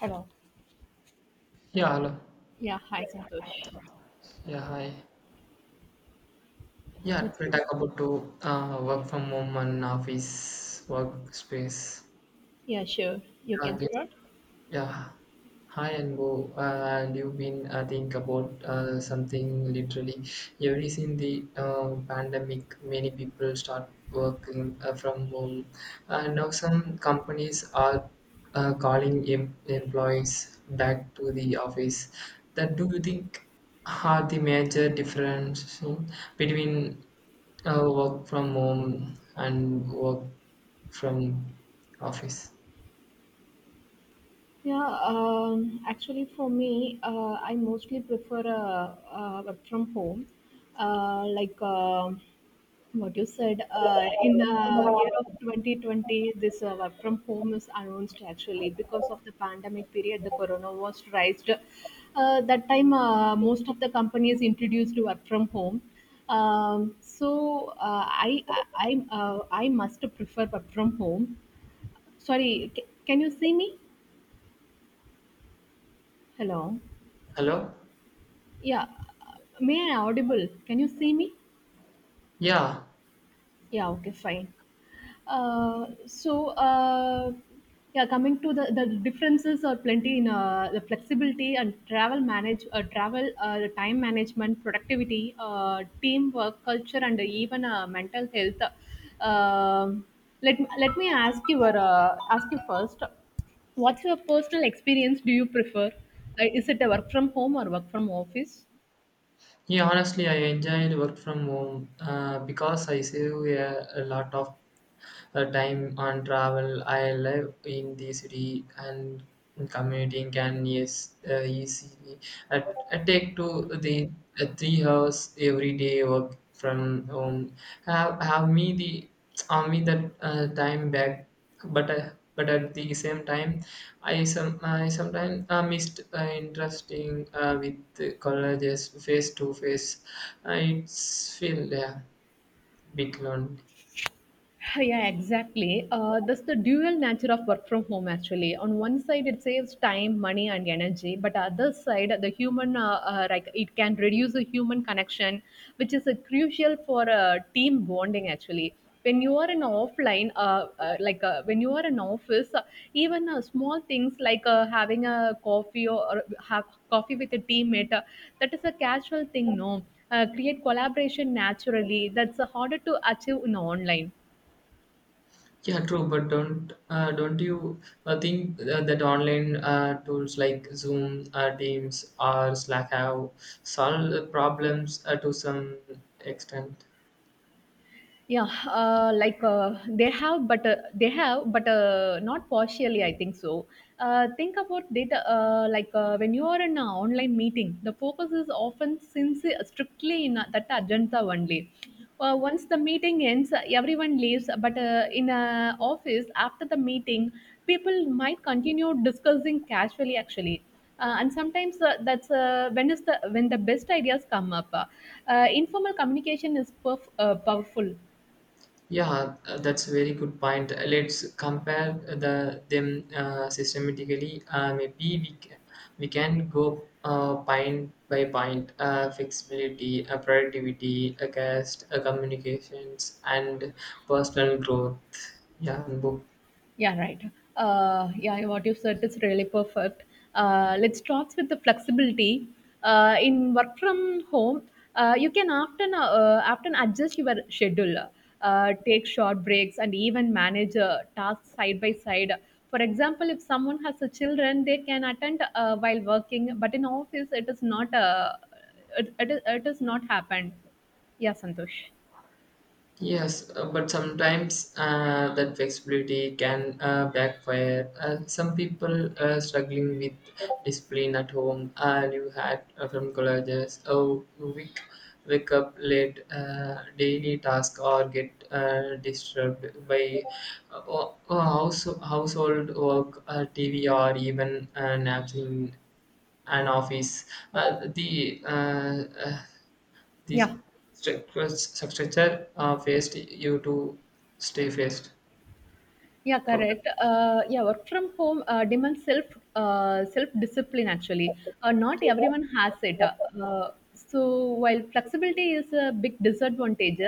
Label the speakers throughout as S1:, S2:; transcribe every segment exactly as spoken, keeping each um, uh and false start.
S1: Hello.
S2: Yeah, hello.
S1: Yeah, hi Santosh.
S2: Yeah, hi. Yeah,
S1: Let's
S2: we
S1: see.
S2: talk about to uh, work from home and office workspace.
S1: Yeah, sure. You
S2: Yeah,
S1: can
S2: I guess
S1: start.
S2: Yeah, hi and go. Uh, and you've been uh, think about uh, something literally. Ever since the uh, pandemic, many people start working uh, from home. Uh, now some companies are uh, calling em- employees back to the office. That do you think are the major difference in between uh, work from home and work from office?
S1: Yeah, um, Actually for me, uh, I mostly prefer uh, uh, work from home. Uh, like uh, what you said, uh, in the year of twenty twenty this, uh, work from home is announced actually because of the pandemic period. The corona was raised uh, that time. Uh, most of the companies introduced work from home. um, so uh, i i I, uh, I must prefer work from home. Sorry, c- can you see me? Hello?
S2: Hello.
S1: Yeah, may I audible, can you see me?
S2: Yeah.
S1: Yeah, okay, fine. Uh, so uh, yeah, coming to the, the differences are plenty in uh, the flexibility and travel manage, uh, travel, uh, the time management, productivity, uh, teamwork culture, and even uh, mental health. Um let, let me ask you, or, uh, ask you first, what's your personal experience? Do you prefer, uh, is it a work from home or work from office?
S2: Yeah, honestly, I enjoyed work from home uh, because I save a, a lot of uh, time on travel. I live in the city and commuting can yes uh, easily I uh, take to the uh, three hours every day work from home. Have have me the have me that uh, time back, but uh, but at the same time, I some I sometimes uh, missed uh, interesting uh, with the colleges face to face. Uh, It's feel yeah bit lonely.
S1: Yeah, exactly. Uh, that's the dual nature of work from home, actually. On one side, it saves time, money, and energy. But other side, the human, uh, uh, like, it can reduce the human connection, which is uh, crucial for uh, team bonding, actually. When you are in offline, uh, uh, like uh, when you are in office, uh, even uh, small things like uh, having a coffee, or, or have coffee with a teammate, uh, that is a casual thing, no? Uh, create collaboration naturally. That's uh, harder to achieve in online.
S2: Yeah, true, but don't uh, don't you uh, think uh, that online uh, tools like Zoom, uh, Teams, or Slack have solved the problems uh, to some extent?
S1: Yeah, uh, like uh, they have, but uh, they have but uh, not partially, I think so. Uh, think about data, uh, like uh, when you are in an online meeting, the focus is often since uh, strictly in uh, that agenda only. Uh, once the meeting ends, uh, everyone leaves, but uh, in a office, after the meeting, people might continue discussing casually actually, uh, and sometimes uh, that's uh, when is the when the best ideas come up. Uh, uh, informal communication is perf- uh, powerful.
S2: Yeah, uh, that's a very good point. Uh, Let's compare the them uh, systematically. Uh, maybe we can, we can go uh, point by point, uh, flexibility, uh, productivity, uh, cost, uh, communications, and personal growth. Yeah, and book.
S1: Yeah, right. Uh, yeah, what you said is really perfect. Uh, let's start with the flexibility. Uh, in work from home, uh, you can often uh, often adjust your schedule, uh, take short breaks, and even manage uh, tasks side by side. For example, if someone has a children, they can attend uh, while working, but in office, it is not uh, it, it, is, it, is, not happened. Yeah, Santosh.
S2: Yes, uh, but sometimes uh, that flexibility can uh, backfire. Uh, some people uh, struggling with discipline at home. Uh, you had uh, from colleges, oh, you wake, wake up late, uh, daily task, or get uh, disturbed by uh, o- o- house, household work, uh, T V, or even uh, naps in an office. Uh, the uh, uh, these
S1: Yeah.
S2: structures structure uh, faced you to stay faced
S1: Yeah,
S2: focused.
S1: correct. Uh, yeah, work from home uh, demands self uh, self discipline. Actually, uh, not everyone has it. Uh, so while flexibility is a big disadvantage,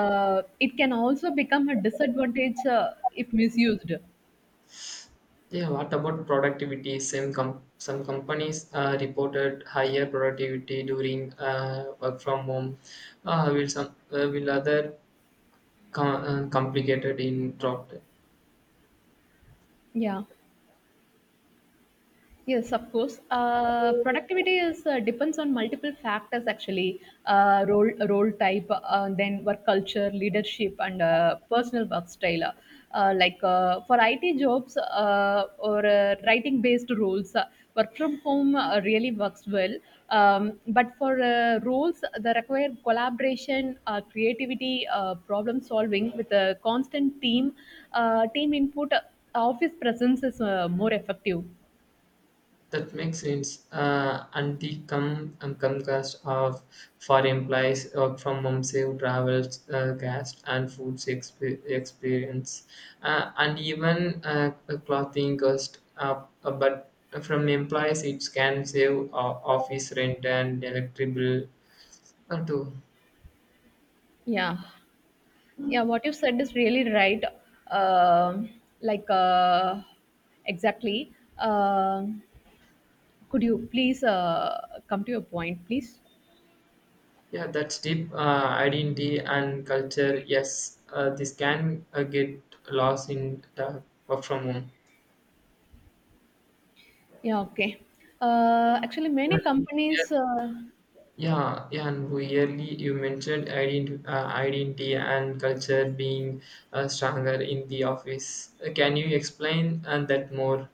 S1: uh, it can also become a disadvantage uh, if misused.
S2: Yeah, what about productivity? Some com- some companies uh, reported higher productivity during uh, work from home. Uh, will some uh, will other com- uh, complicated in drop.
S1: Yeah. Yes, of course. Uh, productivity is uh, depends on multiple factors actually. Uh, role role type, uh, then work culture, leadership, and uh, personal work style. Uh, like uh, for I T jobs, uh, or uh, writing based roles, uh, work from home uh, really works well. Um, but for uh, roles that require collaboration, uh, creativity, uh, problem solving with a constant team, uh, team input, uh, office presence is uh, more effective.
S2: That makes sense. Uh, anti com um, Comcast of for employees work from home, save travels, uh, gas and food exp- experience, uh, and even uh, a clothing cost. Uh, uh, but from employees, it can save uh, office rent and electric bill uh, too.
S1: Yeah. Yeah, what you said is really right. Um like, uh, exactly. Um could you please uh, come to your point, please?
S2: Yeah, that's deep uh, identity and culture. Yes, uh, this can uh, get lost in the work from home.
S1: Yeah, okay. Uh, actually,
S2: Yeah,
S1: many companies, uh,
S2: yeah, yeah, and we really, you mentioned identi- uh, identity and culture being uh, stronger in the office. Uh, can you explain uh, that more?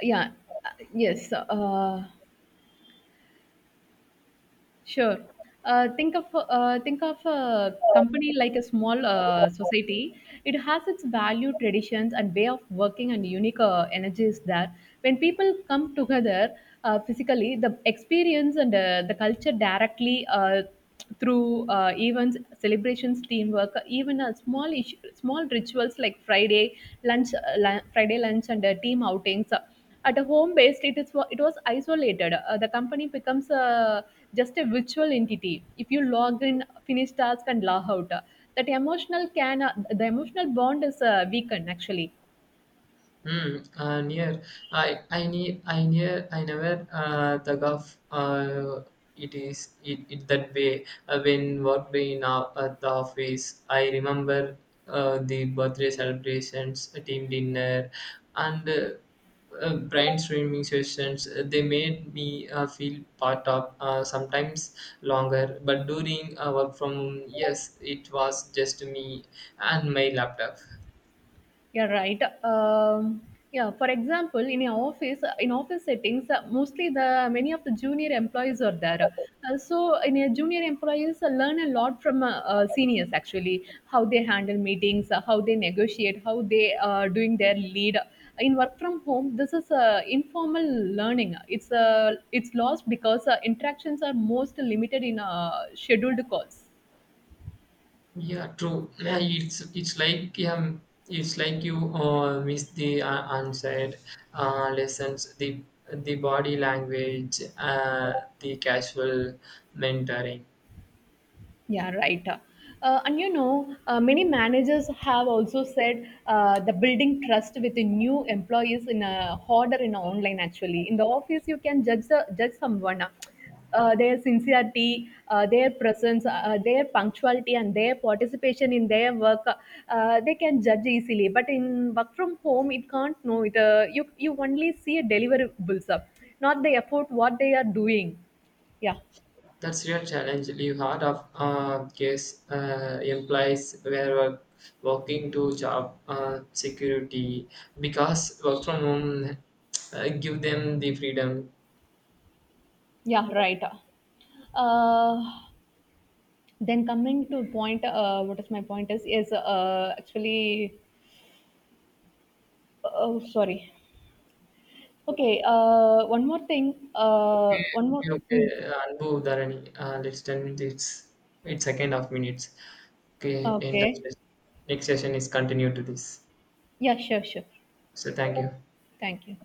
S1: yeah, uh, yes. Uh, Sure. Uh, think of uh, think of a company like a small uh, society. It has its value, traditions, and way of working, and unique uh, energies there. When people come together uh, physically, the experience and uh, the culture directly uh, through uh, events, celebrations, teamwork, even a small ish- small rituals like Friday lunch, uh, lu- Friday lunch, and uh, team outings. At a home based, it is wa- it was isolated. Uh, the company becomes uh, just a virtual entity. If you log in, finish task, and log out, that emotional can uh, the emotional bond is uh, weakened actually.
S2: Hmm. Uh, near. I I need I near I never uh, thought of uh, it is it, it that way uh, when worked in uh, at the office. I remember uh, the birthday celebrations, a team dinner, and uh, uh, brainstorming sessions. Uh, They made me uh, feel part of uh, sometimes longer. But during uh, work from home, yes, it was just me and my laptop.
S1: Yeah, right. Um, yeah, for example, in your office, in office settings, uh, mostly the many of the junior employees are there. Uh, so, in a junior employees uh, learn a lot from uh, uh, seniors actually, how they handle meetings, uh, how they negotiate, how they are doing their lead. In work from home, this is uh, informal learning. It's uh, it's lost because uh, interactions are most limited in uh, scheduled calls.
S2: Yeah, true. Yeah, it's it's like um, it's like you uh, miss the uh, unsaid uh, lessons, the the body language, uh, the casual mentoring.
S1: Yeah, right. Uh, and you know, uh, many managers have also said uh, the building trust with the new employees in a harder in online actually. In the office, you can judge the, judge someone. Uh, uh, their sincerity, uh, their presence, uh, uh, their punctuality, and their participation in their work, uh, uh, they can judge easily. But in work from home, it can't know it. Uh, you you only see a deliverables, uh, not the effort what they are doing. Yeah.
S2: That's real challenge. Leave heart of uh, case uh, implies where work, working to job uh, security because work from home uh, give them the freedom.
S1: Yeah, right. Uh, then coming to point, uh, what is my point is is uh, actually, oh sorry. Okay. Uh, one more thing. Uh,
S2: Okay,
S1: one more.
S2: okay,
S1: mm,
S2: okay. Anbu, Dharani, uh, let's done this. Its second half minutes. Okay, end of
S1: Okay.
S2: session. Next session is continued to this.
S1: Yeah. Sure. Sure.
S2: So thank you.
S1: Thank you.